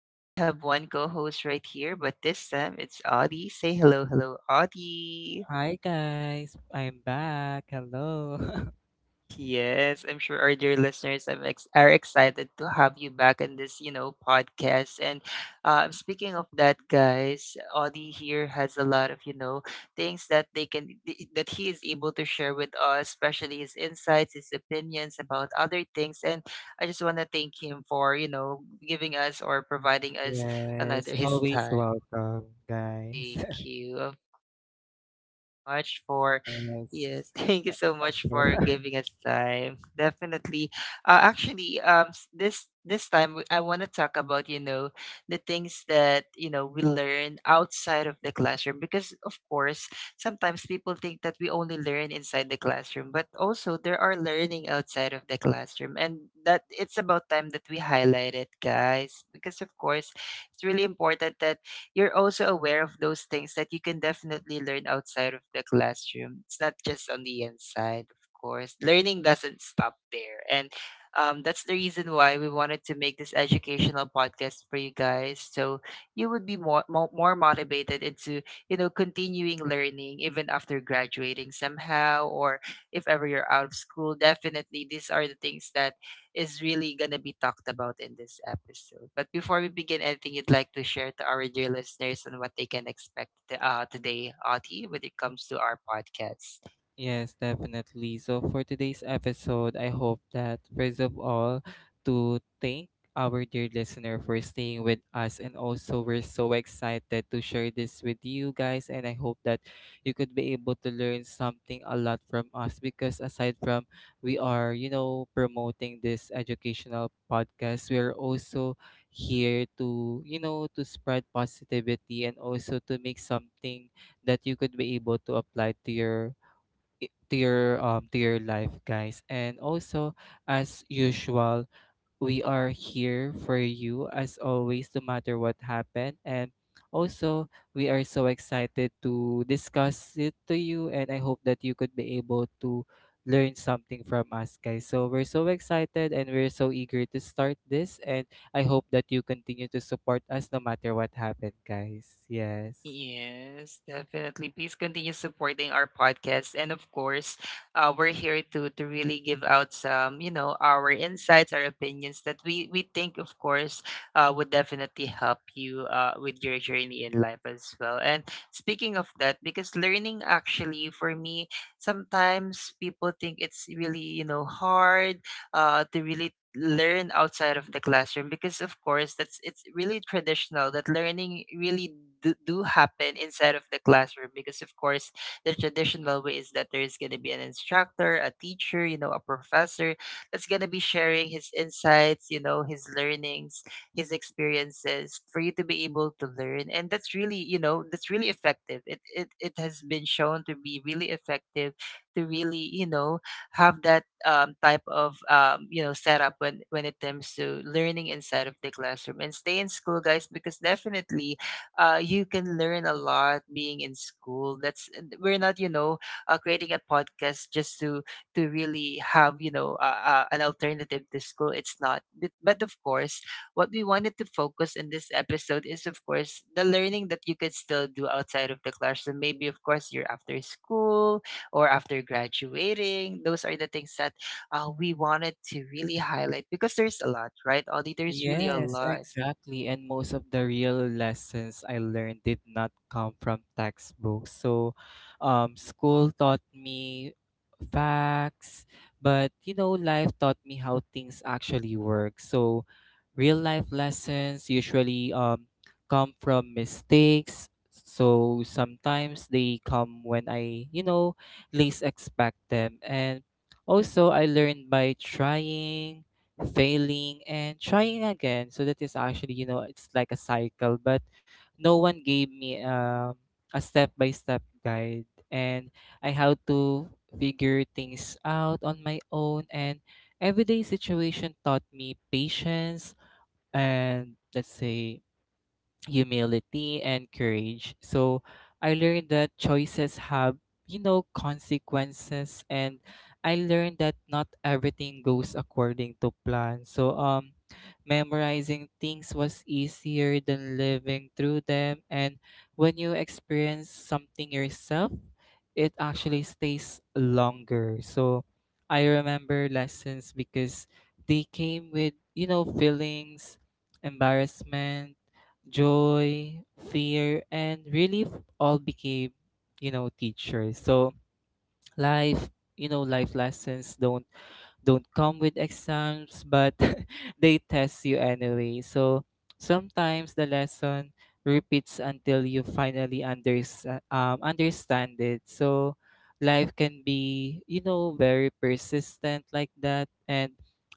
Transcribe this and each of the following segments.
I only have one co host right here, but this time it's Audie. Say hello, hello, Audie. Hi guys, I'm back. Hello. Yes, I'm sure our dear listeners are excited to have you back in this podcast. And speaking of that, guys, Audie here has a lot of, things that he is able to share with us, especially his insights, his opinions about other things. And I just want to thank him for, you know, giving us or providing us another Yes, his always time. welcome, guys. Thank you much for Yes, yes, thank you so of much for course. giving us time. Definitely. Actually, this time I want to talk about, you know, the things that, you know, we learn outside of the classroom, because of course sometimes people think that we only learn inside the classroom, but also there are learning outside of the classroom, and that it's about time that we highlight it, guys, because of course it's really important that you're also aware of those things that you can definitely learn outside of the classroom. It's not just on the inside, of course. Learning doesn't stop there. And that's the reason why we wanted to make this educational podcast for you guys. So you would be more motivated into, you know, continuing learning even after graduating somehow, or if ever you're out of school. Definitely, these are the things that is really going to be talked about in this episode. But before we begin, anything you'd like to share to our dear listeners on what they can expect today, Ati, when it comes to our podcast? Yes, definitely. So for today's episode, I hope that first of all to thank our dear listener for staying with us, and also we're so excited to share this with you guys, and I hope that you could be able to learn something a lot from us because aside from we are, promoting this educational podcast, we're also here to, to spread positivity and also to make something that you could be able to apply to your to your to your life, guys, and also as usual we are here for you as always no matter what happened. And also we are so excited to discuss it to you, and I hope that you could be able to learn something from us, guys. So we're so excited and we're so eager to start this, and I hope that you continue to support us no matter what happened, guys. Yes. Yes, definitely. Please continue supporting our podcast. And of course, we're here to really give out some, you know, our insights, our opinions that we think, of course, would definitely help you with your journey in life as well. And speaking of that, because learning actually for me, sometimes people think it's really, you know, hard to really learn outside of the classroom, because of course that's it's really traditional that learning really do happen inside of the classroom, because of course the traditional way is that there's going to be an instructor, a teacher, you know, a professor that's going to be sharing his insights, you know, his learnings, his experiences for you to be able to learn, and that's really, you know, that's really effective. It has been shown to be really effective to really, you know, have that type of, you know, setup when it comes to learning inside of the classroom. And stay in school, guys, because definitely you can learn a lot being in school. That's, we're not, you know, creating a podcast just to really have, you know, an alternative to school. It's not, but of course what we wanted to focus in this episode is of course the learning that you could still do outside of the classroom. Maybe of course you're after school or after graduating. Those are the things that we wanted to really highlight, because there's a lot, right? Audie, there's really a Yes, lot. exactly. And most of the real lessons I learned did not come from textbooks. So, school taught me facts, but life taught me how things actually work. So, real life lessons usually come from mistakes. So sometimes they come when I, least expect them. And also I learned by trying, failing, and trying again, so that is actually, you know, it's like a cycle, but no one gave me a step by step guide, and I had to figure things out on my own. And everyday situation taught me patience and, let's say, humility and courage. So I learned that choices have, consequences, and I learned that not everything goes according to plan. So memorizing things was easier than living through them, and when you experience something yourself, it actually stays longer. So I remember lessons because they came with, feelings. Embarrassment, joy, fear, and relief all became, teachers. So life, life lessons don't come with exams, but they test you anyway. So sometimes the lesson repeats until you finally understand it. So life can be, you know, very persistent like that. And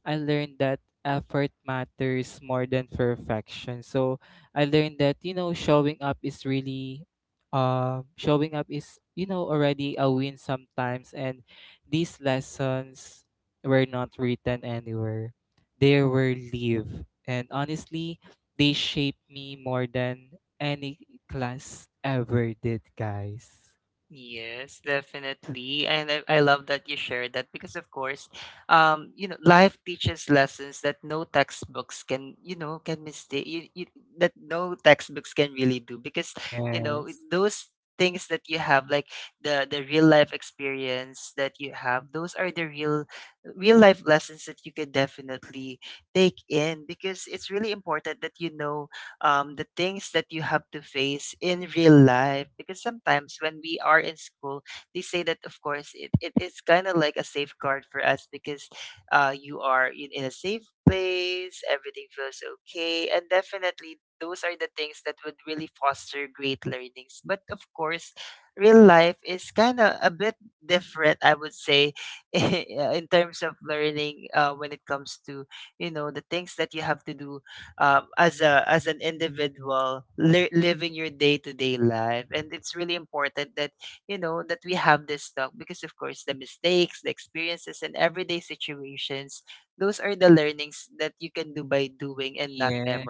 I learned that effort matters more than perfection. So I learned that, you know, showing up is really showing up is, you know, already a win sometimes. And these lessons were not written anywhere. They were live. And honestly, they shaped me more than any class ever did, guys. Yes, definitely. And I love that you shared that, because of course, you know, life teaches lessons that no textbooks can, you know, can mistake you, that no textbooks can really do, because, you know, it- Yes. those things that you have, like the real life experience that you have, those are the real real life lessons that you can definitely take in, because it's really important that you know the things that you have to face in real life. Because sometimes when we are in school, they say that, of course, it is kind of like a safeguard for us, because you are in a safe place, everything feels okay. And definitely, those are the things that would really foster great learnings. But of course, real life is kind of a bit different, I would say, in terms of learning when it comes to, you know, the things that you have to do as a as an individual living your day to day life. And it's really important that you know that we have this talk, because of course the mistakes, the experiences, and everyday situations. Those are the learnings that you can do by doing and not Yes,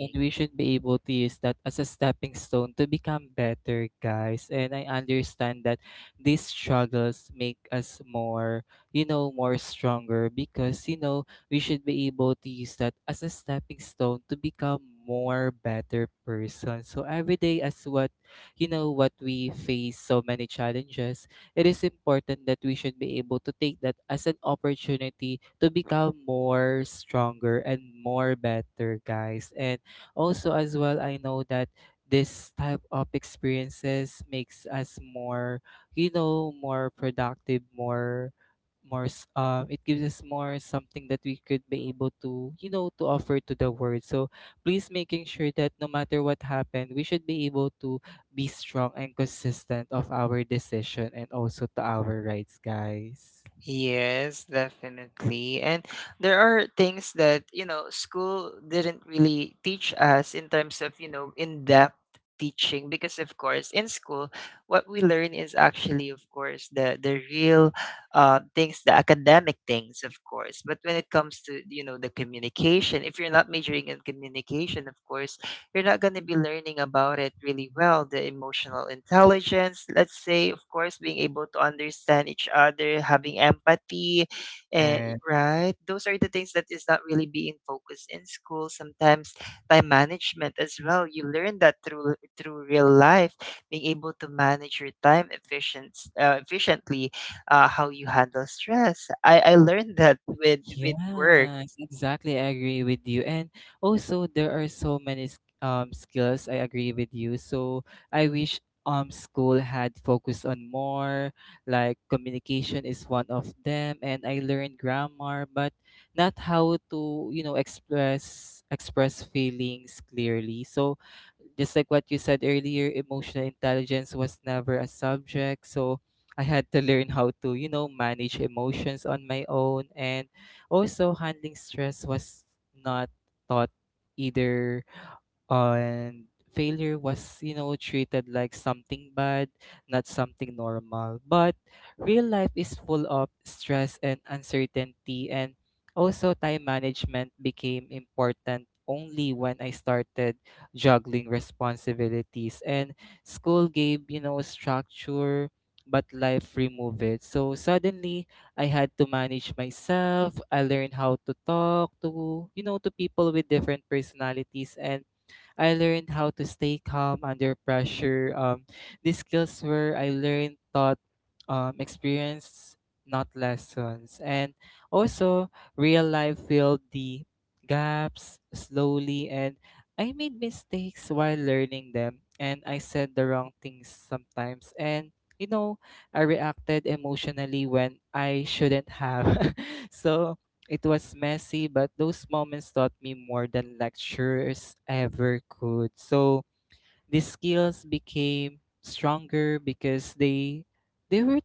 and we should be able to use that as a stepping stone to become better, guys. And I understand that these struggles make us more, you know, more stronger because, you know, we should be able to use that as a stepping stone to become more better person. So every day as what, you know, what we face so many challenges, it is important that we should be able to take that as an opportunity to become more stronger and more better, guys. And also, as well, I know that this type of experiences makes us more, you know, more productive, more it gives us more something that we could be able to, you know, to offer to the world. So please making sure that no matter what happened we should be able to be strong and consistent of our decision and also to our rights, guys. Yes, definitely. And there are things that, you know, school didn't really teach us in terms of, you know, in-depth teaching, because of course in school what we learn is actually of course the real things, the academic things of course. But when it comes to, you know, the communication, if you're not majoring in communication, of course you're not going to be learning about it really well. The emotional intelligence, let's say, of course, being able to understand each other, having empathy, eh, Yeah. right? Those are the things that is not really being focused in school. Sometimes time management as well. You learn that through real life, being able to manage your time efficiently, how you handle stress. I learned that with work. Yes, exactly. I agree with you. And also there are so many skills. I agree with you. So I wish school had focused on more, like, communication is one of them, and I learned grammar but not how to, you know, express feelings clearly. So just like what you said earlier, emotional intelligence was never a subject. So I had to learn how to, you know, manage emotions on my own. And also, handling stress was not taught either, and failure was, you know, treated like something bad, not something normal, but real life is full of stress and uncertainty. And also time management became important only when I started juggling responsibilities, and school gave, you know, structure, but life removed it. So suddenly I had to manage myself. I learned how to talk to, you know, to people with different personalities, and I learned how to stay calm under pressure. These skills were I learned taught experience, not lessons. And also, real life filled the gaps slowly, and I made mistakes while learning them, and I said the wrong things sometimes. And you know, I reacted emotionally when I shouldn't have. So it was messy, but those moments taught me more than lectures ever could. So these skills became stronger because they were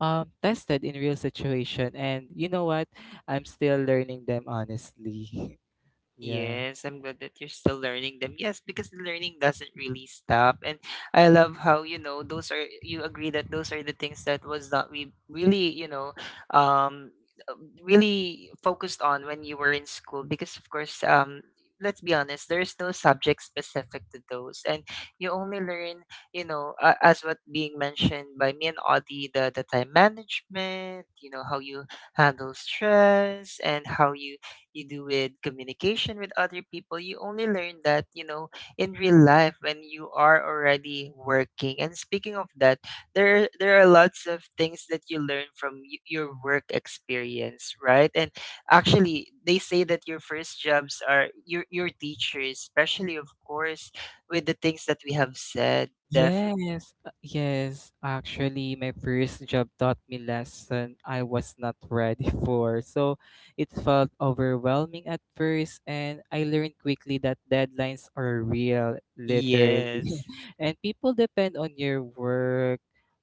tested in real situation, and you know what? I'm still learning them, honestly. Yeah. Yes, I'm glad that you're still learning them. Yes, because the learning doesn't really stop. And I love how, you know, those are, you agree that those are the things that was not we really, you know, um uh, really focused on when you were in school, because of course let's be honest, there's no subject specific to those. And you only learn, you know, as what being mentioned by me and Audie, the time management, you know, how you handle stress and how you do with communication with other people. You only learn that, you know, in real life when you are already working. And speaking of that, there are lots of things that you learn from your work experience, right? And actually they say that your first jobs are your teachers, especially of course with the things that we have said Yes, yes. Actually, my first job taught me lesson I was not ready for. So it felt overwhelming at first, and I learned quickly that deadlines are real, literal, yes. and people depend on your work.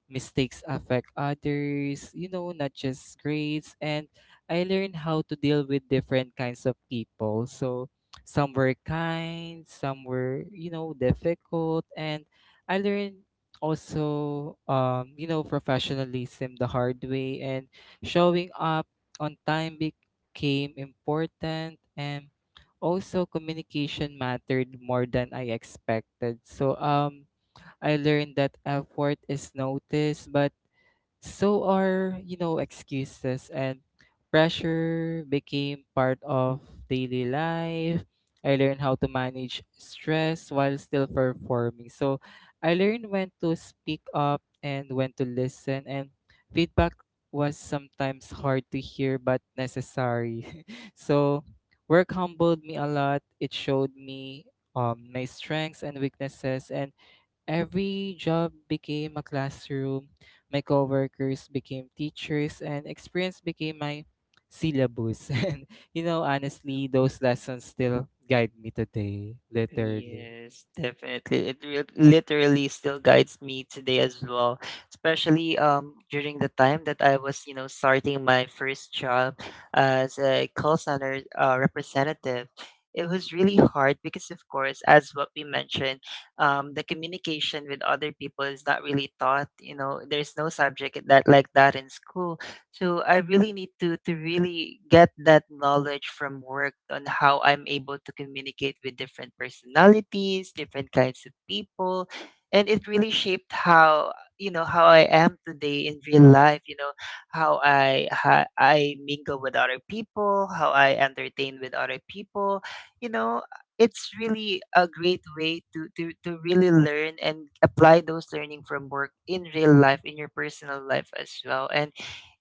Mistakes affect others, you know, not just grades. And I learned how to deal with different kinds of people. So some were kind, some were, you know, difficult. And I learned also, you know, professionalism the hard way, and showing up on time became important. And also communication mattered more than I expected. So I learned that effort is noticed, but so are, you know, excuses, and pressure became part of daily life. I learned how to manage stress while still performing. So I learned when to speak up and when to listen, and feedback was sometimes hard to hear but necessary. So work humbled me a lot. It showed me my strengths and weaknesses. And every job became a classroom, my coworkers became teachers, and experience became my syllabus. And you know, honestly, those lessons still guide me today, literally. Yes, definitely. It literally still guides me today as well, especially during the time that I was, you know, starting my first job as a call center representative. It was really hard, because, of course, as what we mentioned, the communication with other people is not really taught. You know, there's no subject that like that in school. So I really need to really get that knowledge from work on how I'm able to communicate with different personalities, different kinds of people, and it really shaped how, you know, how I am today in real life. You know how I mingle with other people, how I entertain with other people. You know, it's really a great way to, to really learn and apply those learning from work in real life, in your personal life as well. And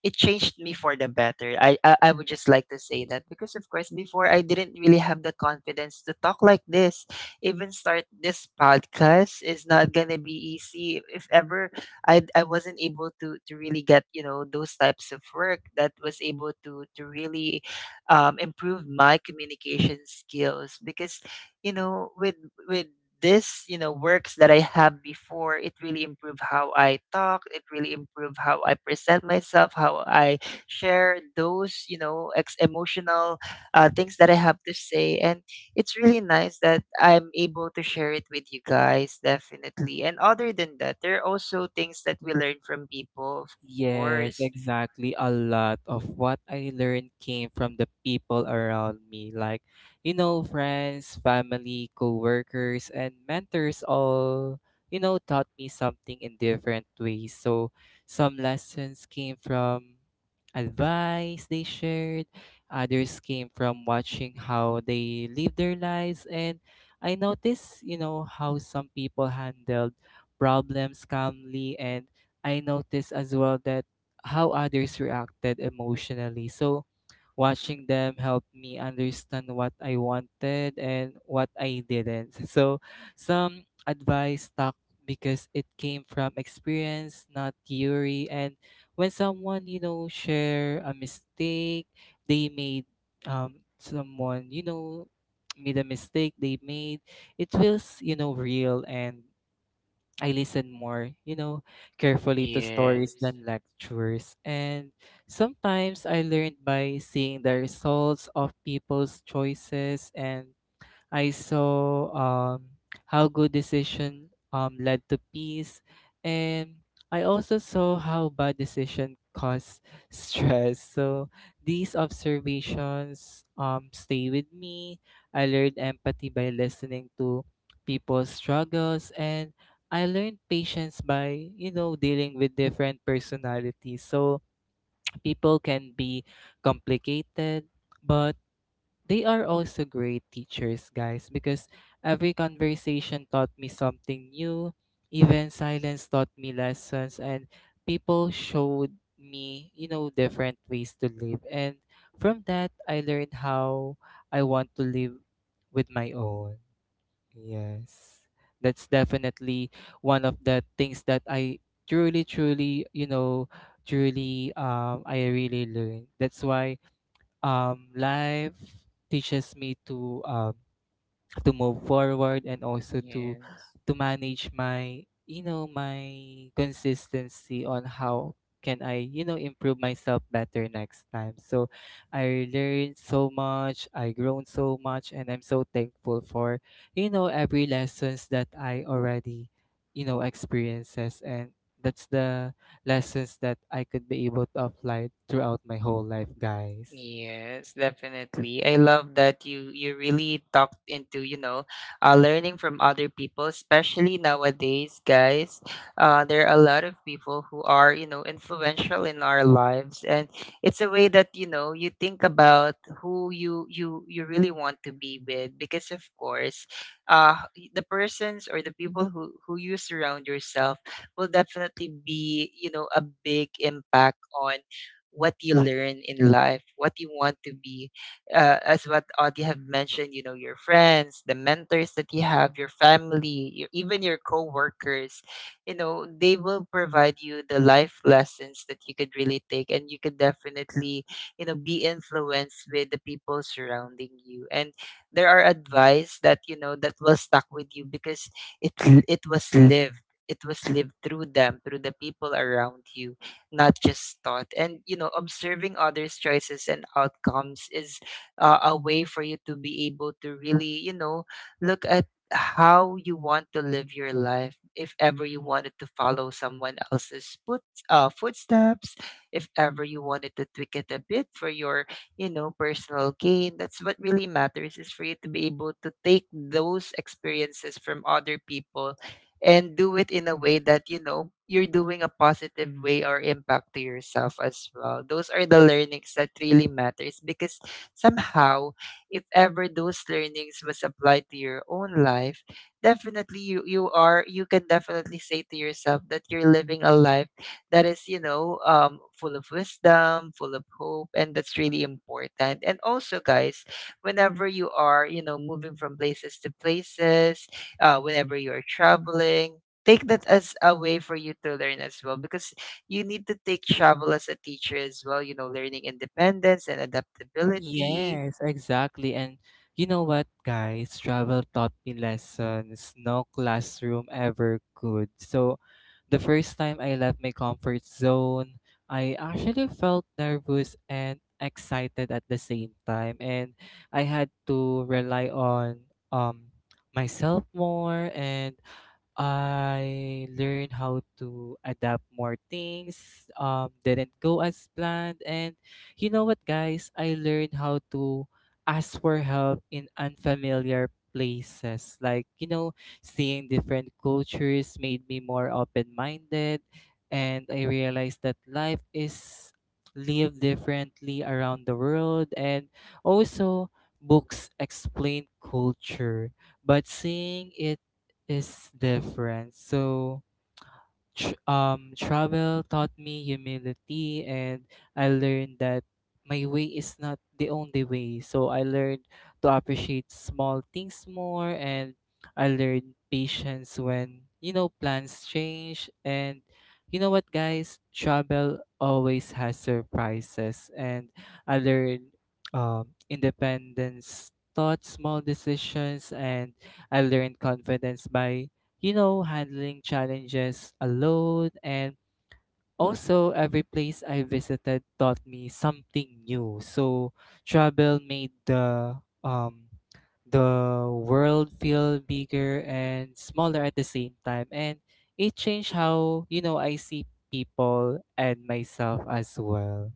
it changed me for the better. I would just like to say that because of course before I didn't really have the confidence to talk like this. Even start this podcast is not gonna be easy. If ever I wasn't able to really get, you know, those types of work that was able to really improve my communication skills, because you know, with this, you know, works that I have before, it really improved how I talk. It really improved how I present myself, how I share those, you know, emotional things that I have to say. And it's really nice that I'm able to share it with you guys, definitely. And other than that, there are also things that we learn from people, of Yes, course. exactly. A lot of what I learned came from the people around me, like, you know, friends, family, coworkers, and mentors all, you know, taught me something in different ways. So some lessons came from advice they shared, others came from watching how they live their lives, and I noticed, you know, how some people handled problems calmly, and I noticed as well that how others reacted emotionally. So watching them helped me understand what I wanted and what I didn't. So some advice stuck because it came from experience, not theory. And when someone, you know, share a mistake they made someone, you know, made a mistake they made, it feels, you know, real, and I listen more, you know, carefully to stories Yes. than lectures. And sometimes I learned by seeing the results of people's choices, and I saw how good decision led to peace, and I also saw how bad decision caused stress. So these observations stay with me. I learned empathy by listening to people's struggles, and I learned patience by, you know, dealing with different personalities. So people can be complicated, but they are also great teachers, guys, because every conversation taught me something new. Even silence taught me lessons, and people showed me, you know, different ways to live. And from that, I learned how I want to live with my own. Yes. That's definitely one of the things that I truly, truly, you know, truly, I really learned. That's why life teaches me to move forward and also Yes. to manage my, you know, my consistency on how can I, you know, improve myself better next time. So I learned so much, I grown so much, and I'm so thankful for, you know, every lessons that I already, you know, experiences, and that's the lessons that I could be able to apply throughout my whole life, guys. Yes, definitely. I love that you really talked into, you know, learning from other people, especially nowadays, guys. There are a lot of people who are, you know, influential in our lives, and it's a way that, you know, you think about who you really want to be with, because of course, uh the persons or the people who you surround yourself will definitely be, you know, a big impact on what you learn in life, what you want to be. As what Audie have mentioned, you know, your friends, the mentors that you have, your family, your, even your co-workers, you know, they will provide you the life lessons that you could really take and you could definitely, you know, be influenced with the people surrounding you. And there are advice that, you know, that will stuck with you, because it it was lived. It was lived through them, through the people around you, not just thought. And observing others' choices and outcomes is a way for you to be able to really, look at how you want to live your life if ever you wanted to follow someone else's footsteps, if ever you wanted to tweak it a bit for your, you know, personal gain. That's what really matters, is for you to be able to take those experiences from other people and do it in a way that, you know, you're doing a positive way or impact to yourself as well. Those are the learnings that really matters, because somehow, if ever those learnings was applied to your own life, definitely you you are you can definitely say to yourself that you're living a life that is, you know, full of wisdom, full of hope, and that's really important. And also, guys, whenever you are, moving from places to places, whenever you're traveling. Take that as a way for you to learn as well, because you need to take travel as a teacher as well, you know, learning independence and adaptability. Yes, exactly. And you know what, guys? Travel taught me lessons no classroom ever could. So the first time I left my comfort zone, I actually felt nervous and excited at the same time. And I had to rely on myself more, and I learned how to adapt more things, didn't go as planned. And you know what, guys? I learned how to ask for help in unfamiliar places. Like, you know, seeing different cultures made me more open minded. And I realized that life is lived differently around the world. And also, books explain culture, but seeing it is different. So, travel taught me humility, and I learned that my way is not the only way. So I learned to appreciate small things more, and I learned patience when, you know, plans change. And you know what, guys, travel always has surprises, and I learned independence. Thought small decisions, and I learned confidence by, you know, handling challenges alone. And also, every place I visited taught me something new. So travel made um, the world feel bigger and smaller at the same time. And it changed how, you know, I see people and myself as well.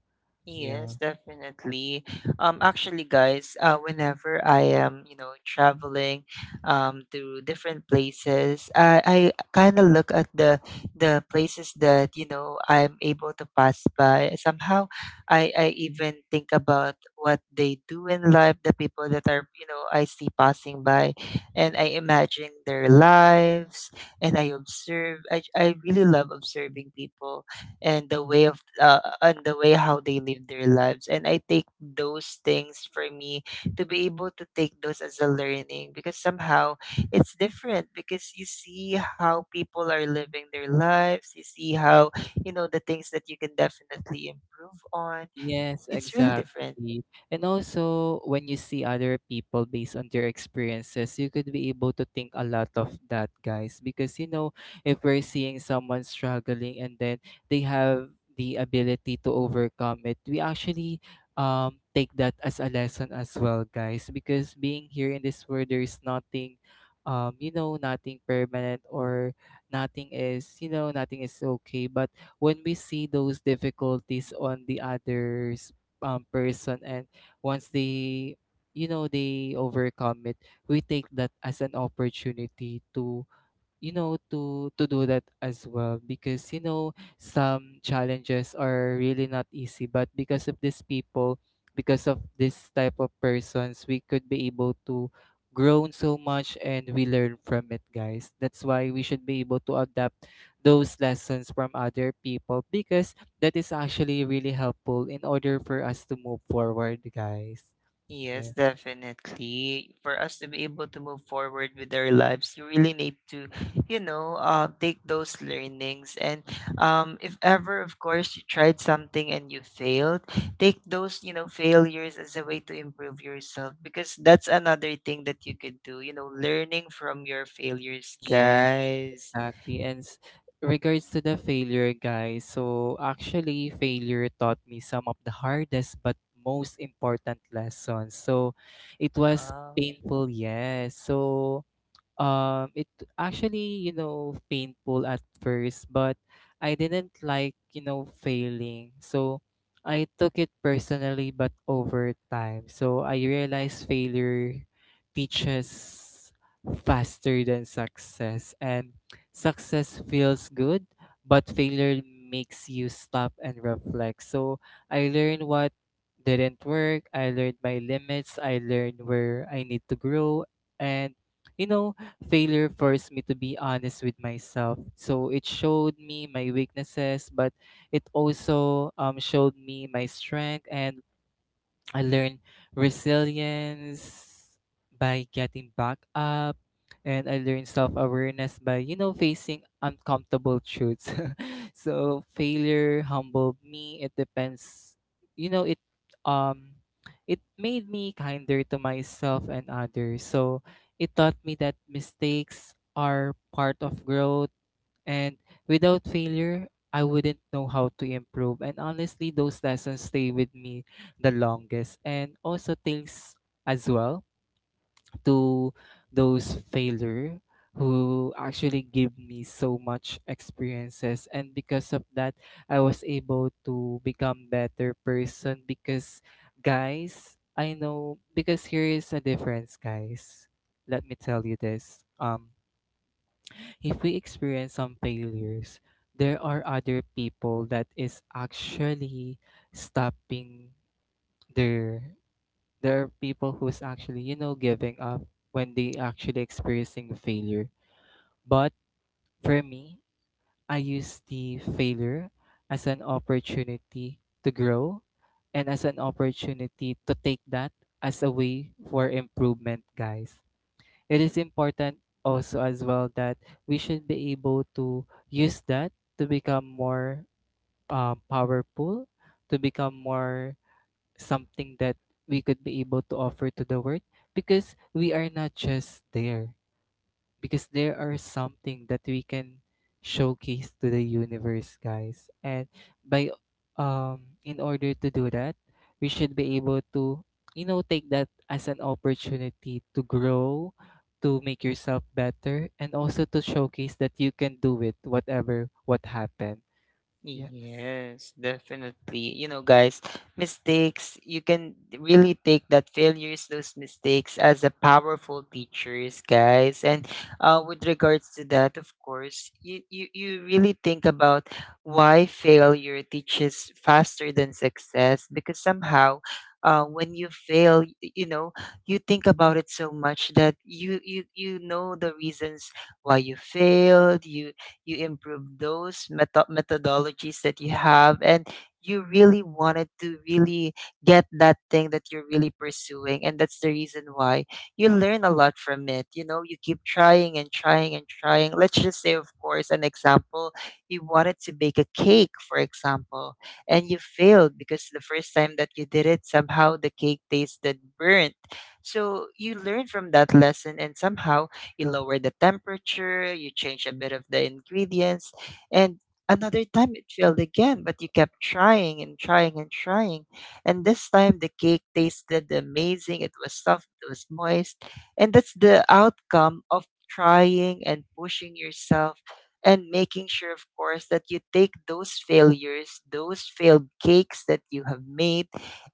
Yes, Yeah. definitely. Actually, guys, whenever I am, you know, traveling, to different places, I kind of look at the places that, you know, I'm able to pass by. Somehow, I even think about what they do in life, the people that are, you know, I see passing by, and I imagine their lives, and I observe. I really love observing people and the way how they live their lives, and I take those things for me to be able to take those as a learning, because somehow it's different. Because you see how people are living their lives, you see how, you know, the things that you can definitely improve on. Yes, It's really exactly. different. And also, when you see other people based on their experiences, you could be able to think a lot of that, guys. Because, you know, if we're seeing someone struggling and then they have the ability to overcome it, we actually take that as a lesson as well, guys. Because being here in this world, there is nothing. You know, nothing permanent or nothing is, you know, nothing is okay. But when we see those difficulties on the other's person and once they, you know, they overcome it, we take that as an opportunity to, you know, to do that as well. Because, you know, some challenges are really not easy, but because of these people, because of this type of persons, we could be able to grow so much, and we learn from it, guys. That's why we should be able to adapt those lessons from other people, because that is actually really helpful in order for us to move forward, guys. Yes, Yeah. definitely. For us to be able to move forward with our lives, you really need to, you know, take those learnings. And if ever, of course, you tried something and you failed, take those, you know, failures as a way to improve yourself, because that's another thing that you could do, you know, learning from your failures, Yeah, guys. Yes. exactly. Regards to the failure, guys, so actually, failure taught me some of the hardest but most important lessons. So it was Wow. painful, yes. So it actually, you know, painful at first, but I didn't like, you know, failing. So I took it personally, but over time. So I realized failure teaches faster than success. And success feels good, but failure makes you stop and reflect. So I learned what didn't work. I learned my limits. I learned where I need to grow. And you know, failure forced me to be honest with myself. So it showed me my weaknesses, but it also showed me my strength, and I learned resilience by getting back up, and I learned self-awareness by, you know, facing uncomfortable truths. So failure humbled me. It depends, you know, it um it made me kinder to myself and others. So it taught me that mistakes are part of growth, and without failure, I wouldn't know how to improve. And honestly, those lessons stay with me the longest. And also thanks as well to those failure who actually give me so much experiences, and because of that, I was able to become better person. Because, guys, I know, because here is a difference, guys. Let me tell you this. If we experience some failures, there are other people that is actually stopping their, there are people who's actually, you know, giving up when they actually experiencing failure. But for me, I use the failure as an opportunity to grow, and as an opportunity to take that as a way for improvement, guys. It is important also as well that we should be able to use that to become more powerful, to become more something that we could be able to offer to the world, because we are not just there, because there are something that we can showcase to the universe, guys. And by, in order to do that, we should be able to, you know, take that as an opportunity to grow, to make yourself better, and also to showcase that you can do it, whatever what happened. Yes. Yes, definitely. You know, guys, mistakes, you can really take that failures, those mistakes as a powerful teachers, guys. And with regards to that, of course, you really think about why failure teaches faster than success, because somehow, when you fail, you know, you think about it so much that you know the reasons why you failed. You improve those methodologies that you have, and you really wanted to really get that thing that you're really pursuing, and that's the reason why you learn a lot from it. You know, you keep trying and trying and trying. Let's just say, of course, an example. You wanted to bake a cake, for example, and you failed because the first time that you did it, somehow the cake tasted burnt. So you learn from that lesson, and somehow you lower the temperature, you change a bit of the ingredients, and another time it failed again, but you kept trying and trying and trying. And this time the cake tasted amazing, it was soft, it was moist, and that's the outcome of trying and pushing yourself and making sure, of course, that you take those failures, those failed cakes that you have made,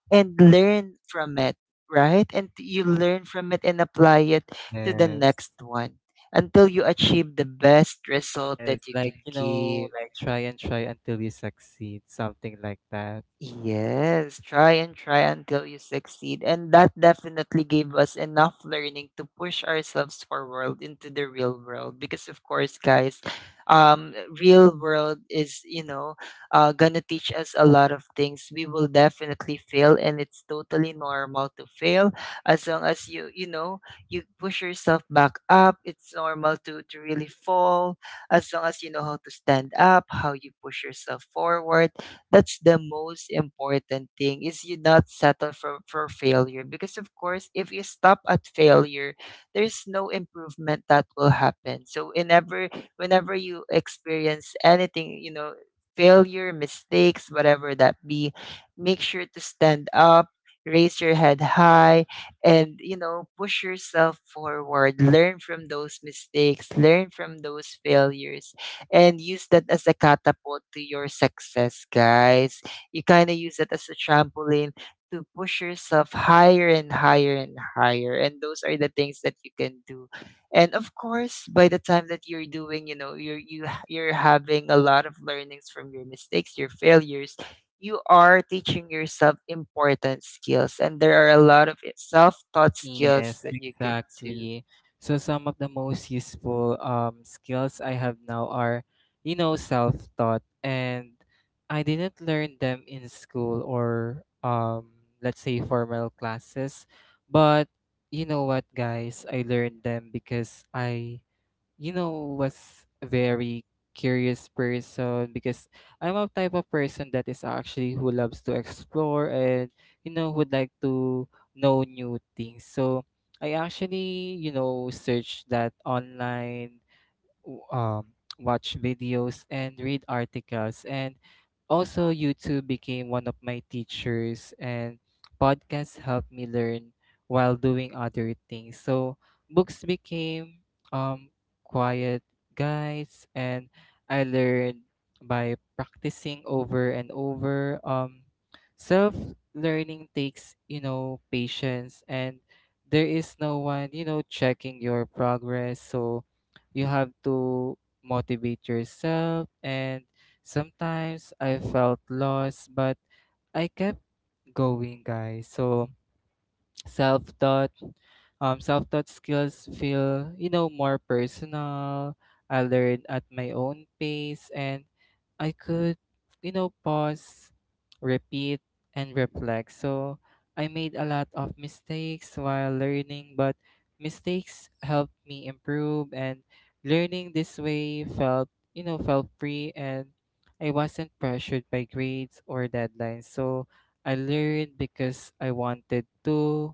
and learn from it. Right? And you learn from it and apply it to the Yes. next one, until you achieve the best result Yes, that you like, can you know, give. like try and try until you succeed, something like that. Yes, try and try until you succeed. And that definitely gave us enough learning to push ourselves forward into the real world. Because, of course, guys, um, real world is, you know, gonna teach us a lot of things. We will definitely fail, and it's totally normal to fail, as long as you, you know, you push yourself back up. It's normal to, really fall, as long as you know how to stand up, how you push yourself forward. That's the most important thing, is you not settle for, failure, because of course, if you stop at failure, there's no improvement that will happen. So whenever, you experience anything, you know, failure, mistakes, whatever that be, make sure to stand up, raise your head high, and, you know, push yourself forward. Learn from those mistakes, learn from those failures, and use that as a catapult to your success, guys. You kind of use it as a trampoline to push yourself higher and higher and higher. And those are the things that you can do. And of course, by the time that you're doing, you know, you're having a lot of learnings from your mistakes, your failures, you are teaching yourself important skills. And there are a lot of self-taught skills Yes, that you could do. exactly. So some of the most useful skills I have now are, you know, self-taught, and I didn't learn them in school or, let's say, formal classes. But you know what, guys, I learned them because I, you know, was a very curious person, because I'm a type of person that is actually who loves to explore, and, you know, would like to know new things. So I actually, you know, searched that online, w- um, watch videos and read articles. And also, YouTube became one of my teachers, and podcasts helped me learn while doing other things. So books became um, quiet guides, and I learned by practicing over and over. Self learning takes, you know, patience, and there is no one, you know, checking your progress. So you have to motivate yourself, and sometimes I felt lost, but I kept going, guys. So self-taught, self-taught skills feel, you know, more personal. I learn at my own pace, and I could, you know, pause, repeat, and reflect. So I made a lot of mistakes while learning, but mistakes helped me improve, and learning this way felt, you know, felt free, and I wasn't pressured by grades or deadlines. So I learned because I wanted to,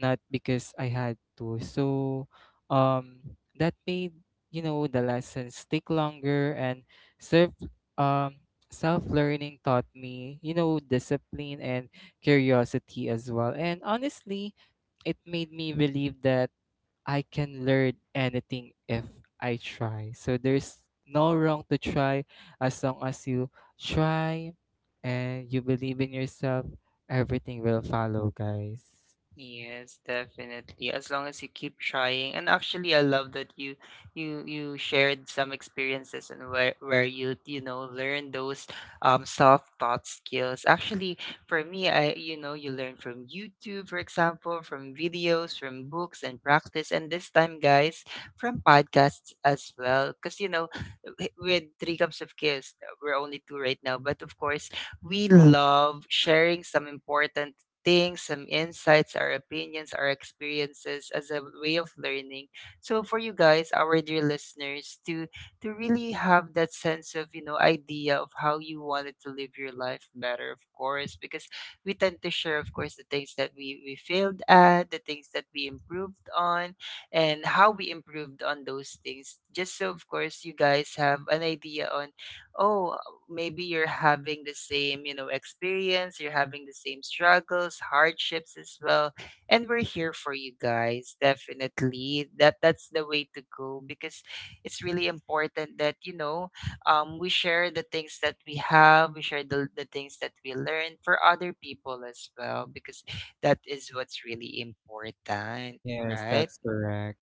not because I had to. So, that made, you know, the lessons take longer. And self, um self learning taught me, you know, discipline and curiosity as well. And honestly, it made me believe that I can learn anything if I try. So there's no wrong to try, as long as you try and you believe in yourself, everything will follow, guys. Yes, definitely. As long as you keep trying. And actually, I love that you shared some experiences, and where you, you know, learn those soft thought skills. Actually, for me, I you know, you learn from YouTube, for example, from videos, from books, and practice, and this time, guys, from podcasts as well. Because, you know, with Three Cups of Chaos, we're only two right now, but of course, we love sharing some important things, some insights, our opinions, our experiences as a way of learning. So for you guys, our dear listeners, to really have that sense of, you know, idea of how you wanted to live your life better. Of course, because we tend to share, of course, the things that we failed at, the things that we improved on, and how we improved on those things. Just so, of course, you guys have an idea on, oh, maybe you're having the same, you know, experience, you're having the same struggles, hardships as well. And we're here for you guys, definitely. That's the way to go, because it's really important that, you know, we share the things that we have, we share the things that we learn for other people as well, because that is what's really important, Yes, right? that's correct.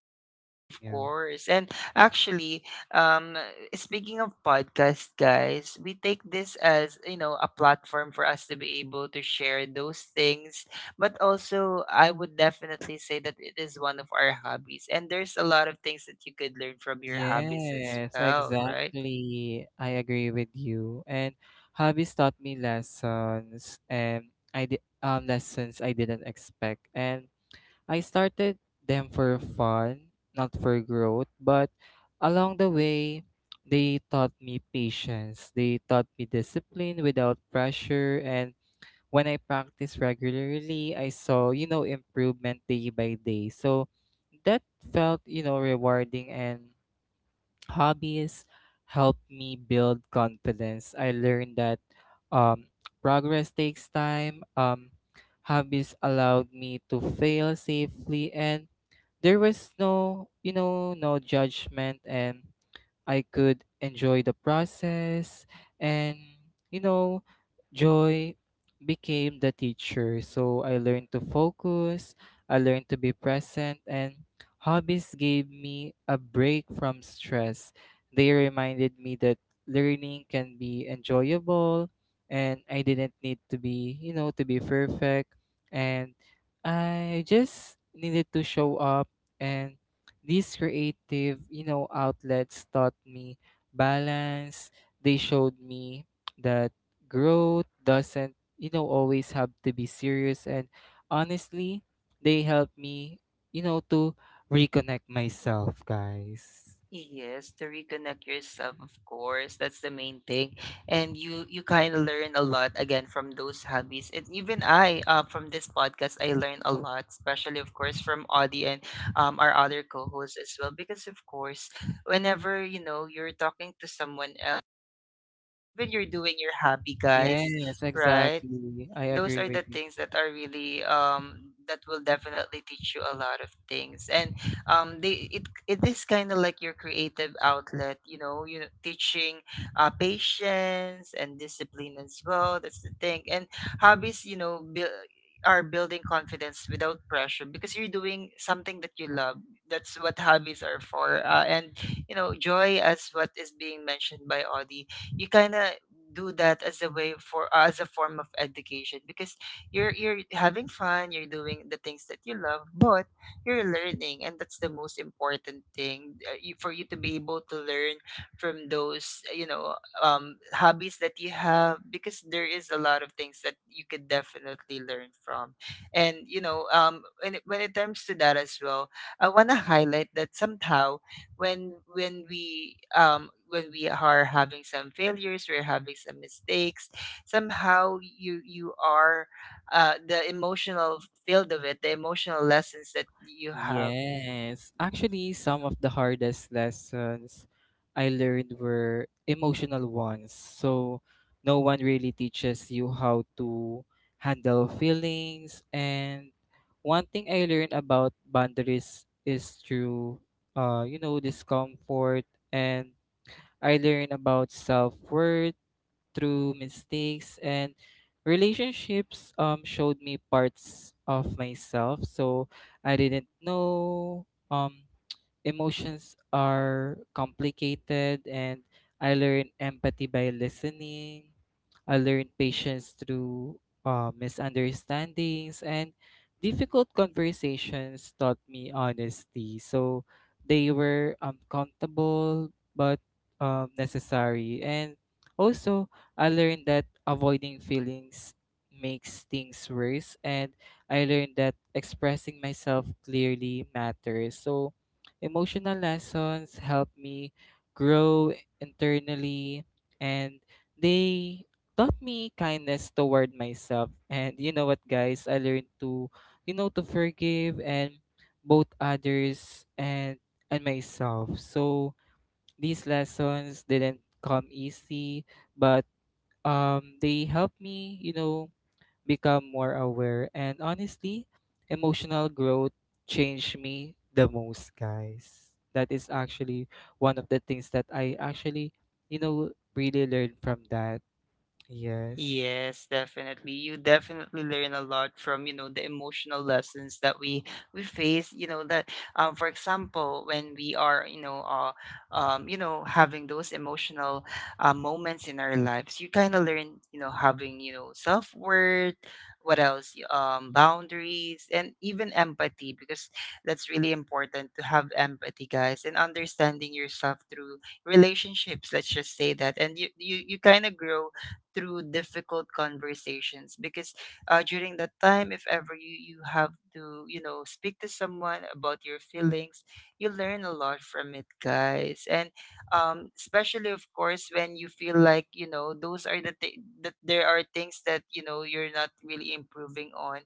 Of Yeah. course. And actually, um, speaking of podcast, guys, we take this as, you know, a platform for us to be able to share those things. But also, I would definitely say that it is one of our hobbies. And there's a lot of things that you could learn from your hobbies as Yes, well, right? exactly. I agree with you. And hobbies taught me lessons, and I did, lessons I didn't expect. And I started them for fun, not for growth, but along the way they taught me patience. They taught me discipline without pressure, and when I practice regularly, I saw, you know, improvement day by day. So that felt, you know, rewarding. And hobbies helped me build confidence. I learned that, um, progress takes time. Hobbies allowed me to fail safely, and there was no, you know, no judgment, and I could enjoy the process. And, you know, joy became the teacher. So I learned to focus, I learned to be present, and hobbies gave me a break from stress. They reminded me that learning can be enjoyable, and I didn't need to be, you know, to be perfect. And I just needed to show up. And these creative, you know, outlets taught me balance. They showed me that growth doesn't, you know, always have to be serious. And honestly, they helped me, you know, to reconnect myself, guys. Yes, to reconnect yourself, of course. That's the main thing. And you kind of learn a lot again from those hobbies. And even I, from this podcast, I learn a lot, especially of course from Audie, and our other co-hosts as well. Because, of course, whenever, you know, you're talking to someone else, when you're doing your hobby, guys, Yes, right? exactly. I Those agree are with the you. things that are really that will definitely teach you a lot of things. And they, it is kind of like your creative outlet, you know, you know, teaching patience and discipline as well. That's the thing. And hobbies, you know, build are building confidence without pressure, because you're doing something that you love. That's what hobbies are for. And you know, joy, as what is being mentioned by Audie, you kind of do that as a way for, as a form of education, because you're having fun, you're doing the things that you love, but you're learning. And that's the most important thing. For you to be able to learn from those, you know, hobbies that you have, because there is a lot of things that you could definitely learn from. And you know, when when it comes to that as well, I want to highlight that somehow, when we, when we are having some failures, we're having some mistakes, somehow you, you are, the emotional field of it, the emotional lessons that you have. Yes. Actually, some of the hardest lessons I learned were emotional ones. So no one really teaches you how to handle feelings. And one thing I learned about boundaries is through, you know, discomfort. And I learned about self worth through mistakes, and relationships, showed me parts of myself. So I didn't know, um emotions are complicated. And I learn empathy by listening. I learn patience through, misunderstandings, and difficult conversations taught me honesty. So they were uncomfortable but necessary. And also, I learned that avoiding feelings makes things worse, and I learned that expressing myself clearly matters. So emotional lessons helped me grow internally, and they taught me kindness toward myself. And you know what, guys, I learned to, you know, to forgive, and both others and myself. So these lessons didn't come easy, but they helped me, you know, become more aware, and honestly, emotional growth changed me the most, guys. That is actually one of the things that I actually, you know, really learned from that. Yes. Yes, definitely. You definitely learn a lot from, you know, the emotional lessons that we face, you know, that for example, when we are, you know, having those emotional moments in our lives, you kind of learn, you know, having, you know, self-worth, what else? Boundaries, and even empathy, because that's really important to have empathy, guys, and understanding yourself through relationships, let's just say that. And you kind of grow through difficult conversations because during that time if ever you have to you know speak to someone about your feelings, you learn a lot from it, guys. And especially of course when you feel like you know those are the that there are things that you know you're not really improving on.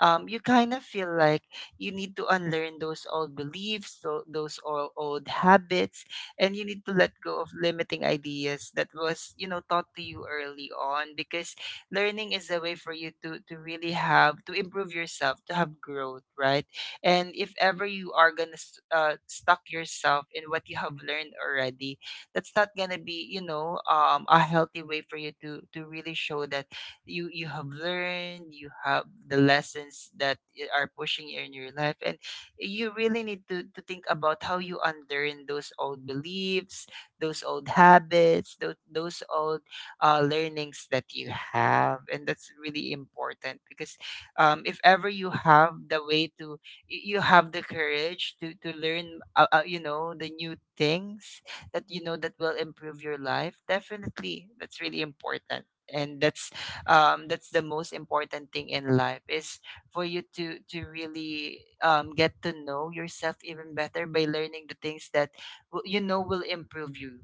You kind of feel like you need to unlearn those old beliefs, those old habits, and you need to let go of limiting ideas that was you know taught to you early on, because learning is a way for you to really have to improve yourself, to have growth, right? And if ever you are gonna stuck yourself in what you have learned already, that's not gonna be you know a healthy way for you to really show that you have learned, you have the lessons that are pushing you in your life. And you really need to think about how you unlearn those old beliefs, those old habits, those old learnings that you have. And that's really important because if ever you have the way to, you have the courage to learn, you know, the new things that you know that will improve your life, definitely that's really important. And that's the most important thing in life is for you to really get to know yourself even better by learning the things that you know will improve you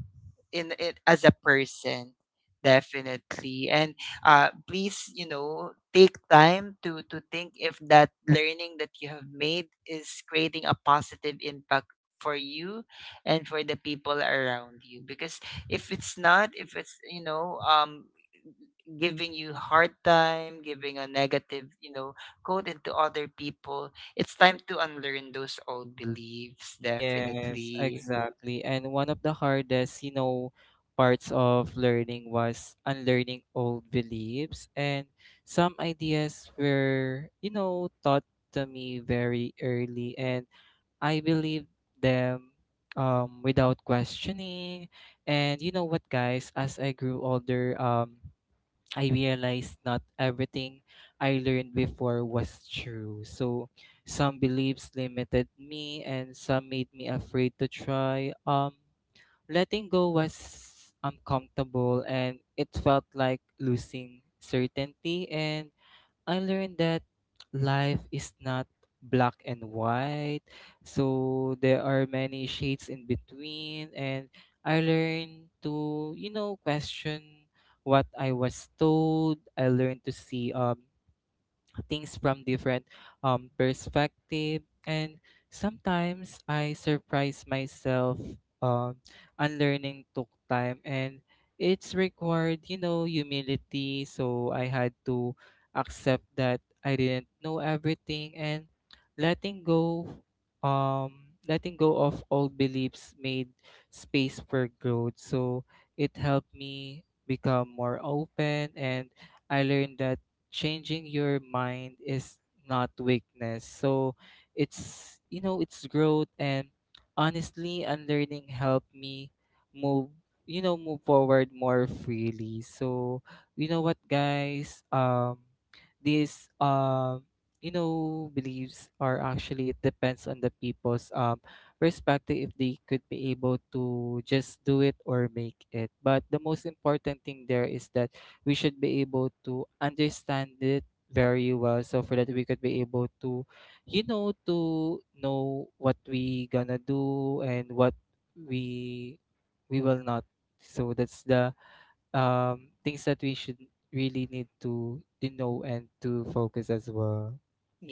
in it as a person, definitely. And please you know take time to think if that learning that you have made is creating a positive impact for you and for the people around you, because if it's not, if it's you know giving you hard time, giving a negative you know code into other people, it's time to unlearn those old beliefs, Yes, definitely. exactly. And one of the hardest, you know, parts of learning was unlearning old beliefs. And some ideas were, you know, taught to me very early. And I believed them without questioning. And you know what, guys? As I grew older, I realized not everything I learned before was true. So some beliefs limited me, and some made me afraid to try. Letting go was uncomfortable, and it felt like losing certainty. And I learned that life is not black and white. So there are many shades in between, and I learned to, you know, question what I was told. I learned to see things from different perspective. And sometimes I surprise myself. um, Unlearning took time, and it's required, you know, humility. So I had to accept that I didn't know everything. And letting go, letting go of old beliefs made space for growth. So it helped me become more open, and I learned that changing your mind is not weakness. So it's, you know, it's growth. And honestly, unlearning helped me move, you know, move forward more freely. So you know what, guys, these, you know, beliefs are actually, it depends on the people's perspective, if they could be able to just do it or make it. But the most important thing there is that we should be able to understand it very well, so for that we could be able to, you know, to know what we gonna do, and what we we will not. So that's the things that we should really need to know and to focus as well.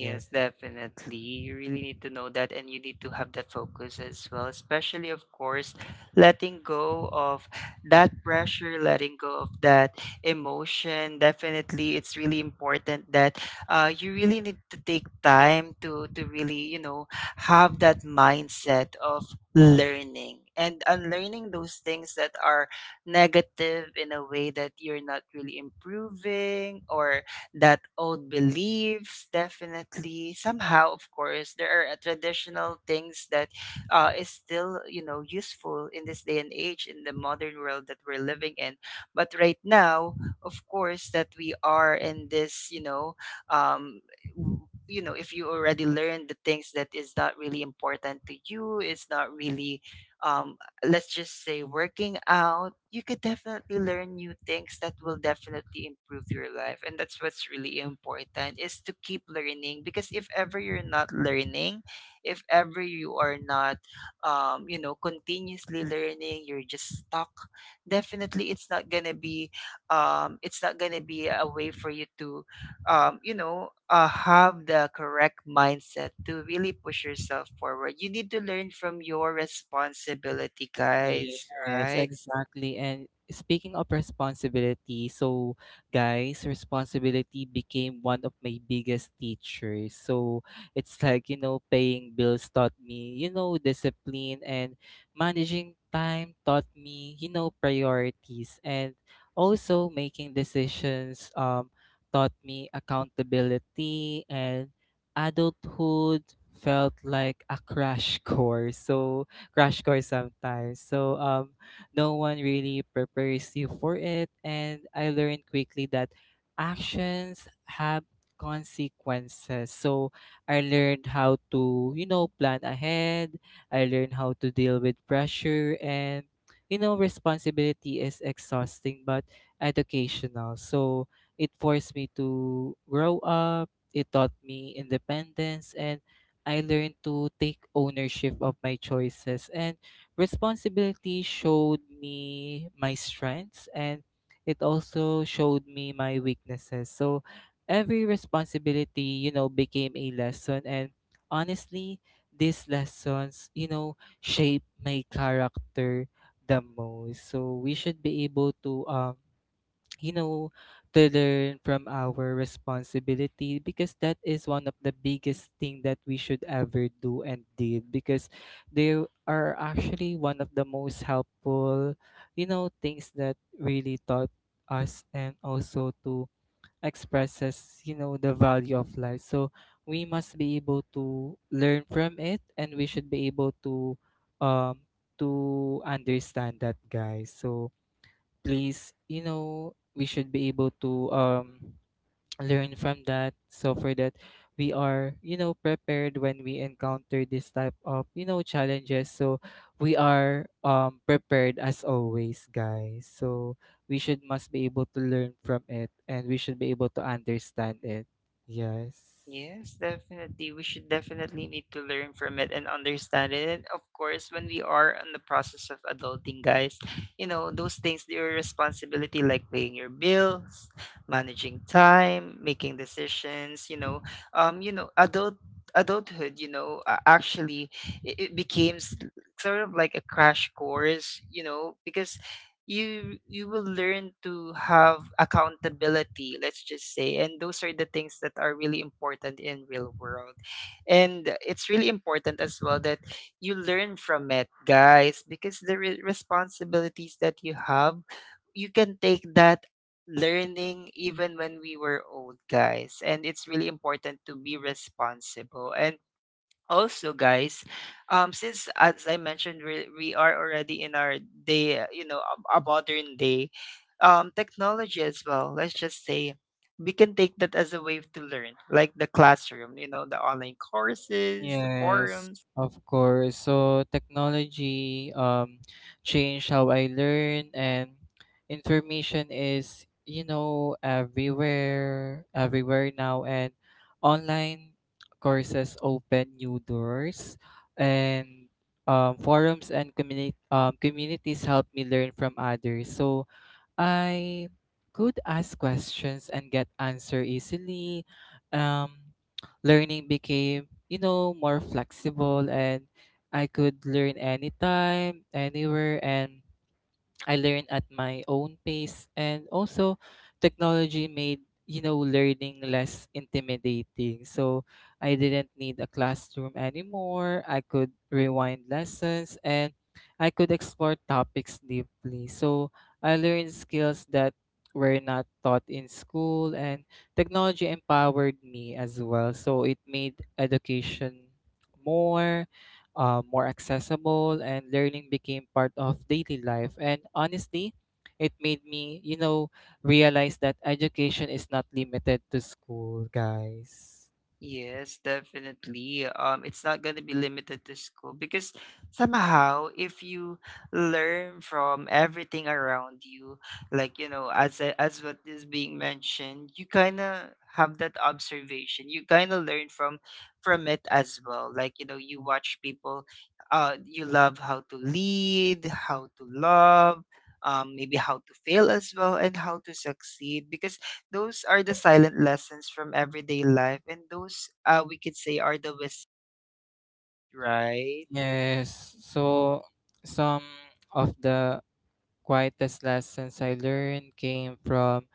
Yes. definitely. You really need to know that and you need to have that focus as well, especially, of course, letting go of that pressure, letting go of that emotion. Definitely, it's really important that you really need to take time to really, you know, have that mindset of learning and unlearning those things that are negative in a way that you're not really improving, or that old beliefs. Definitely, somehow of course there are traditional things that is still you know useful in this day and age, in the modern world that we're living in. But right now, of course, that we are in this you know um, w- you know, if you already learned the things that is not really important to you, it's not really um, let's just say, working out, you could definitely learn new things that will definitely improve your life. And that's what's really important, is to keep learning. Because if ever you're not learning, if ever you are not you know, continuously learning, you're just stuck, definitely it's not gonna be um, it's not gonna be a way for you to you know, have the correct mindset to really push yourself forward. You need to learn from your responsibility, guys, Yes, right? exactly. And speaking of responsibility, so guys, responsibility became one of my biggest teachers. So it's like, paying bills taught me, discipline and managing time taught me, priorities and also making decisions taught me accountability and adulthood felt like a crash course. So crash course sometimes. So no one really prepares you for it. And I learned quickly that actions have consequences. So I learned how to, plan ahead. I learned how to deal with pressure and responsibility is exhausting but educational. So it forced me to grow up. It taught me independence and I learned to take ownership of my choices, and responsibility showed me my strengths and it also showed me my weaknesses. So every responsibility, became a lesson. And honestly, these lessons, shape my character the most. So we should be able to you know, to learn from our responsibility because that is one of the biggest thing that we should ever do and did because they are actually one of the most helpful, things that really taught us and also to expresses, the value of life. So we must be able to learn from it and we should be able um to understand that guys. So place, we should be able to learn from that. So for that, we are, prepared when we encounter this type of, challenges. So we are prepared as always, guys. So we should must be able to learn from it and we should be able to understand it. Yes. Yes, definitely. We should definitely need to learn from it and understand it. And of course, when we are in the process of adulting, guys, you know, those things, your responsibility, like paying your bills, managing time, making decisions, you know, adulthood, you know, actually it becomes sort of like a crash course, you know, because you will learn to have accountability, let's just say, and those are the things that are really important in real world. And it's really important as well that you learn from it, guys, because the responsibilities that you have, you can take that learning even when we were old, guys. And it's really important to be responsible. And also, guys, um, since as I mentioned, we are already in our day you know, a modern day technology as well, let's just say we can take that as a way to learn, like the classroom, you know, the online courses, the Yes, forums. of course. So technology changed how I learn and information is, everywhere, everywhere now and online courses open new doors and forums and communities help me learn from others. So I could ask questions and get answer easily. Um, Learning became, more flexible and I could learn anytime, anywhere and I learn at my own pace and also technology made learning less intimidating. So I didn't need a classroom anymore. I could rewind lessons and I could explore topics deeply. So I learned skills that were not taught in school and technology empowered me as well. So it made education more more accessible and learning became part of daily life. And honestly, it made me, realize that education is not limited to school, guys. Yes, definitely. It's not going to be limited to school, because somehow, if you learn from everything around you, like you know, as what is being mentioned, you kind of have that observation. You kind of learn from it as well. Like you know, you watch people. You love how to lead, how to love, maybe how to fail as well, and how to succeed, because those are the silent lessons from everyday life, and those we could say are the wisdom, right? Yes. So some of the quietest lessons I learned came from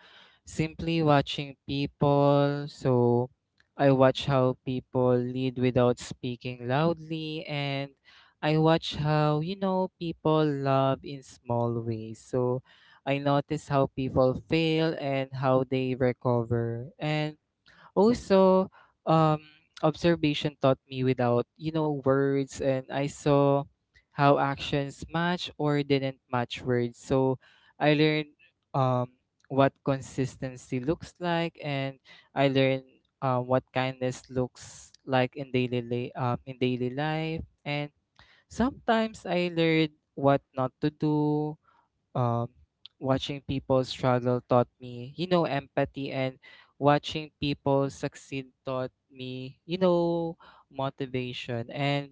simply watching people. So I watch how people lead without speaking loudly, and I watch how, people love in small ways. So I notice how people fail and how they recover. And also, um, observation taught me without, words, and I saw how actions match or didn't match words. So I learned um, what consistency looks like, and I learned what kindness looks like in in daily life. And sometimes I learned what not to do, um, watching people struggle taught me, empathy, and watching people succeed taught me, motivation. And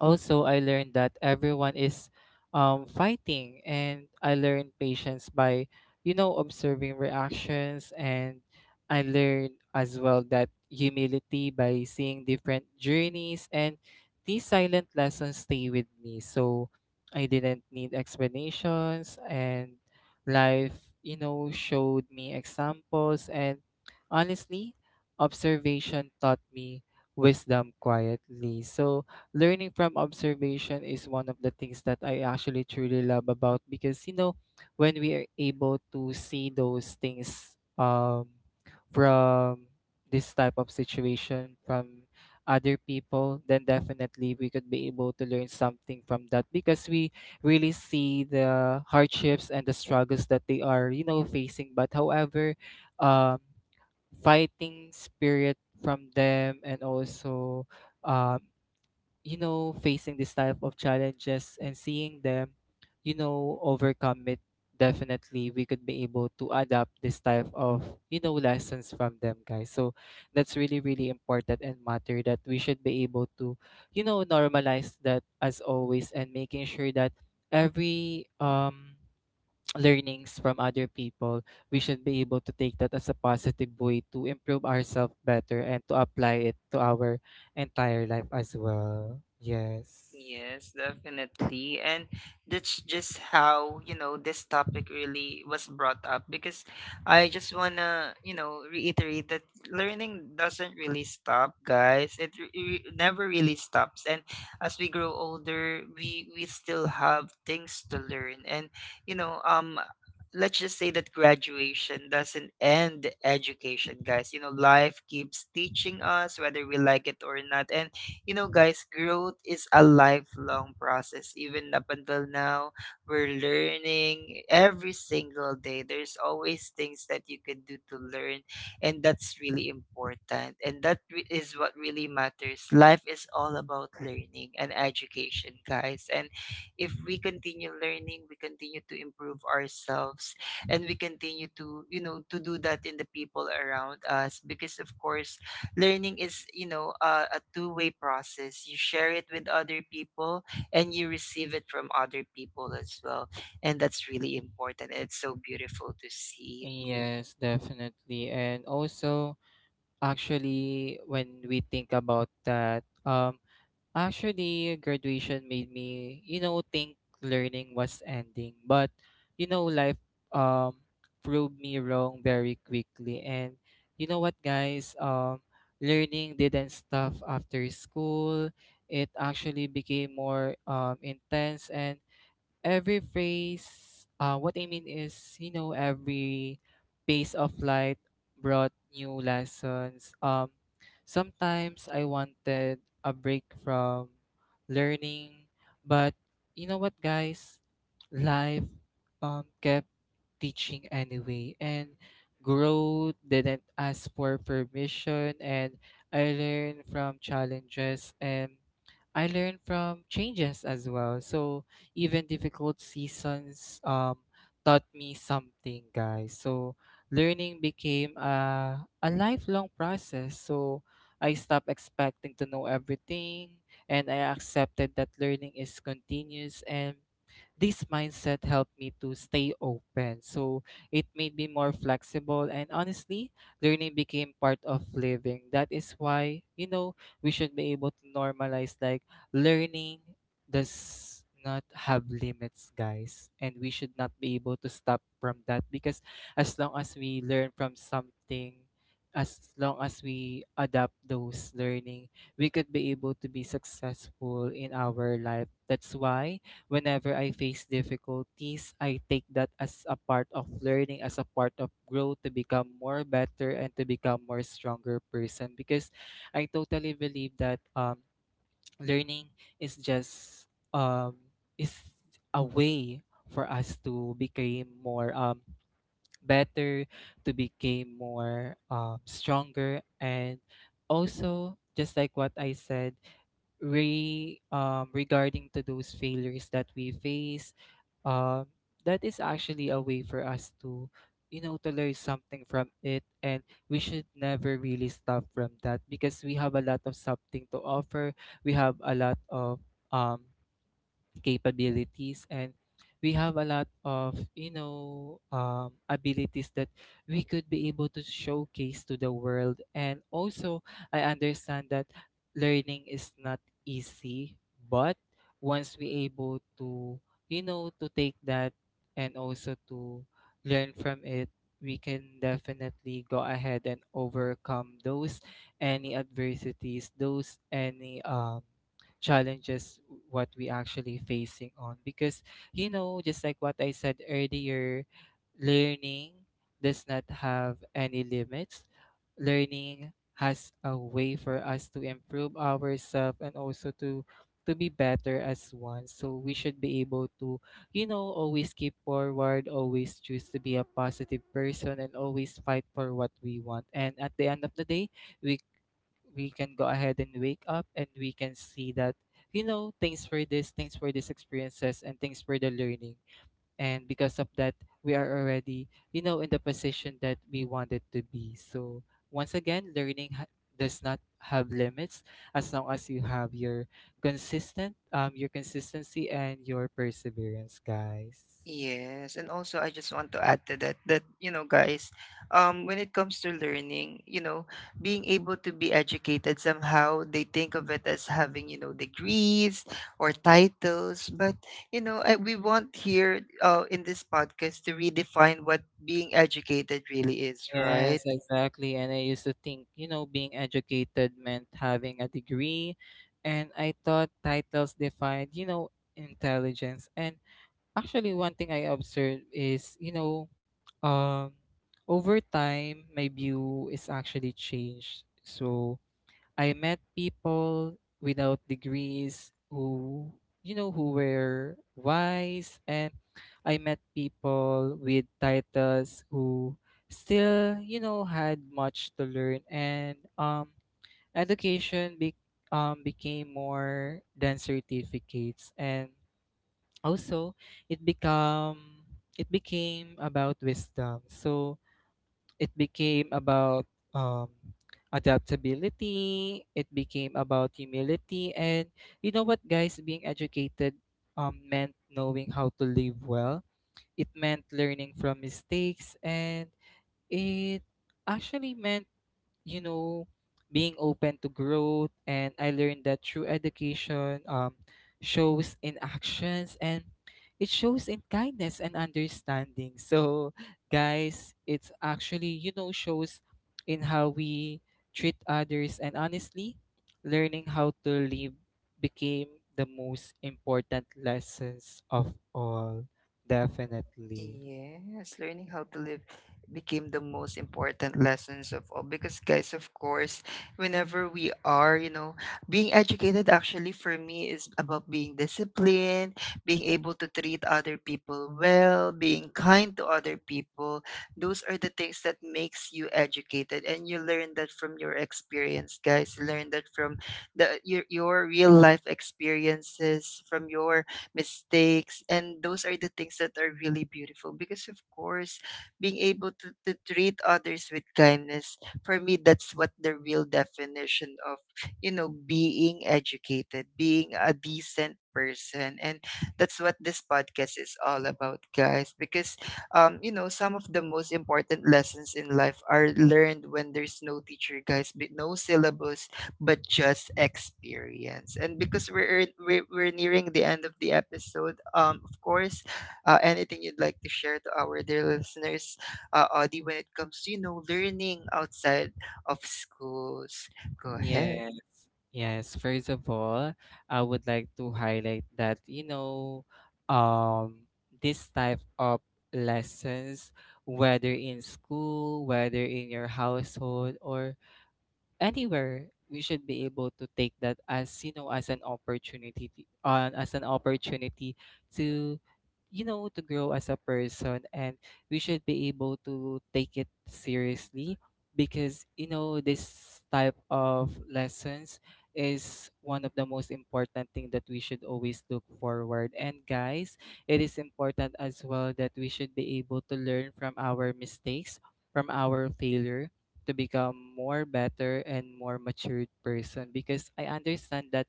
also, I learned that everyone is fighting, and I learned patience by, observing reactions. And I learned as well that humility by seeing different journeys, and these silent lessons stay with me. So I didn't need explanations, and life, showed me examples. And honestly, observation taught me wisdom quietly. So learning from observation is one of the things that I actually truly love about because when we are able to see those things from this type of situation from other people then definitely we could be able to learn something from that because we really see the hardships and the struggles that they are facing but however um fighting spirit from them and also um facing this type of challenges and seeing them, overcome it, definitely we could be able to adapt this type of, lessons from them, guys. So that's really, really important and matter that we should be able to, normalize that as always and making sure that every learnings from other people, we should be able to take that as a positive way to improve ourselves better and to apply it to our entire life as well. Yes. Yes, definitely. And that's just how, you know, this topic really was brought up, because I just want to, you know, reiterate that learning doesn't really stop, guys. It never really stops. And as we grow older, we still have things to learn. And, you know, um, let's just say that graduation doesn't end education, guys. You know, life keeps teaching us whether we like it or not. And you know, guys, growth is a lifelong process. Even up until now, we're learning every single day. There's always things that you can do to learn, and that's really important. And that is what really matters. Life is all about learning and education, guys. And if we continue learning, we continue to improve ourselves, and we continue to, you know, to do that in the people around us, because of course learning is, you know, a two-way process. You share it with other people and you receive it from other people as well. And that's really important. It's so beautiful to see. Yes, definitely. And also, actually, when we think about that, actually, graduation made me, think learning was ending. But, life um proved me wrong very quickly. And you know what, guys? Learning didn't stop after school. It actually became more intense and every phrase what I mean is every pace of light brought new lessons sometimes I wanted a break from learning but you know what guys life kept teaching anyway and growth didn't ask for permission and I learned from challenges and I learned from changes as well so even difficult seasons taught me something, guys. So learning became a lifelong process. So I stopped expecting to know everything and I accepted that learning is continuous and this mindset helped me to stay open. So it made me more flexible and honestly, learning became part of living. That is why, we should be able to normalize like learning does not have limits, guys. And we should not be able to stop from that because as long as we learn from something, as long as we adapt those learning, we could be able to be successful in our life. That's why whenever I face difficulties, I take that as a part of learning, as a part of growth to become more better and to become more stronger person because I totally believe that learning is just um is a way for us to become more better to become more stronger and also just like what I said re regarding to those failures that we face um, that is actually a way for us to to learn something from it and we should never really stop from that because we have a lot of something to offer we have a lot of um capabilities and we have a lot of abilities that we could be able to showcase to the world and also I understand that learning is not easy but once we able to to take that and also to learn from it we can definitely go ahead and overcome those any adversities those any challenges what we actually facing on because just like what I said earlier learning does not have any limits learning has a way for us to improve ourselves and also to be better as one so we should be able to always keep forward always choose to be a positive person and always fight for what we want and at the end of the day we we can go ahead and wake up and we can see that thanks for this thanks for these experiences and thanks for the learning and because of that we are already in the position that we wanted to be so once again does not have limits as long as you have your consistent your consistency and your perseverance guys. Yes, and also I just want to add to that, that you know guys, um, when it comes to learning, you know, being able to be educated, somehow they think of it as having, you know, degrees or titles. But you know, I, we want here in this podcast to redefine what being educated really is, right? Yes, exactly. And I used to think, being educated meant having a degree. And I thought titles defined, intelligence. And actually, one thing I observed is, um, over time, my view is actually changed. So, I met people without degrees who, who were wise, and I met people with titles who still, had much to learn, and education be- became more than certificates, and also it become it became about wisdom. So it became about um, adaptability it became about humility and you know what guys being educated meant knowing how to live well it meant learning from mistakes and it actually meant you know, being open to growth. And I learned that true education shows in actions and it shows in kindness and understanding. So, guys, it's actually, shows in how we treat others. And honestly, learning how to live became the most important lessons of all. Definitely. Yes, learning how to live became the most important lessons of all, because guys, of course, whenever we are, you know, being educated, actually for me, is about being disciplined, being able to treat other people well, being kind to other people. Those are the things that makes you educated, and you learn that from your experience, guys. You learn that from the your real life experiences, from your mistakes. And those are the things that are really beautiful, because, of course, being able to treat others with kindness, for me, that's what the real definition of, you know, being educated, being a decent person. And that's what this podcast is all about, guys, because you know, some of the most important lessons in life are learned when there's no teacher, guys, but no syllabus, but just experience. And because we're we're nearing the end of the episode, of course, anything you'd like to share to our dear listeners, Audie, when it comes to you know learning outside of schools, go ahead. Yes, yes. First of all, I would like to highlight that, um, this type of lessons, whether in school, whether in your household, or anywhere we should be able to take that as as an opportunity to, as an opportunity to to grow as a person and we should be able to take it seriously because this type of lessons is one of the most important thing that we should always look forward and guys it is important as well that we should be able to learn from our mistakes from our failures to become more better and more matured person because I understand that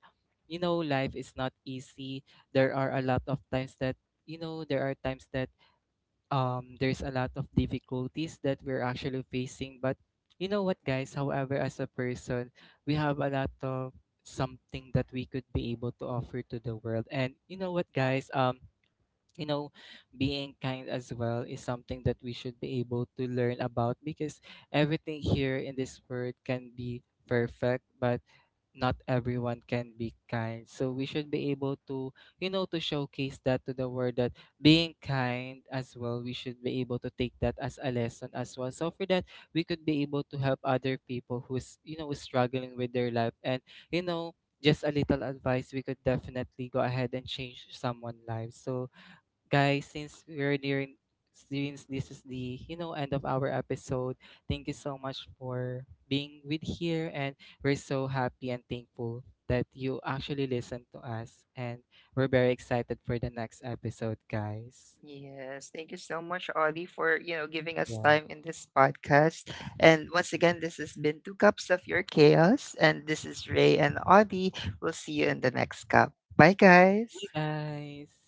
life is not easy. There are a lot of times that there are times that there's a lot of difficulties that we're actually facing but you know what guys however as a person we have a lot of something that we could be able to offer to the world and you know what guys you know, being kind as well is something that we should be able to learn about because everything here in this world can be perfect, but not everyone can be kind. So we should be able to, to showcase that to the world that being kind as well, we should be able to take that as a lesson as well. So for that, we could be able to help other people who's, struggling with their life and, you know, just a little advice, we could definitely go ahead and change someone's life. So guys, since this is the end of our episode, thank you so much for being with here, and we're so happy and thankful that you actually listened to us, and we're very excited for the next episode, guys. Yes, thank you so much, Audie, for you know giving us Yeah. time in this podcast. And once again, this has been Two Cups of Your Chaos, and this is Ray and Audie. We'll see you in the next cup. Bye, Bye, guys. guys.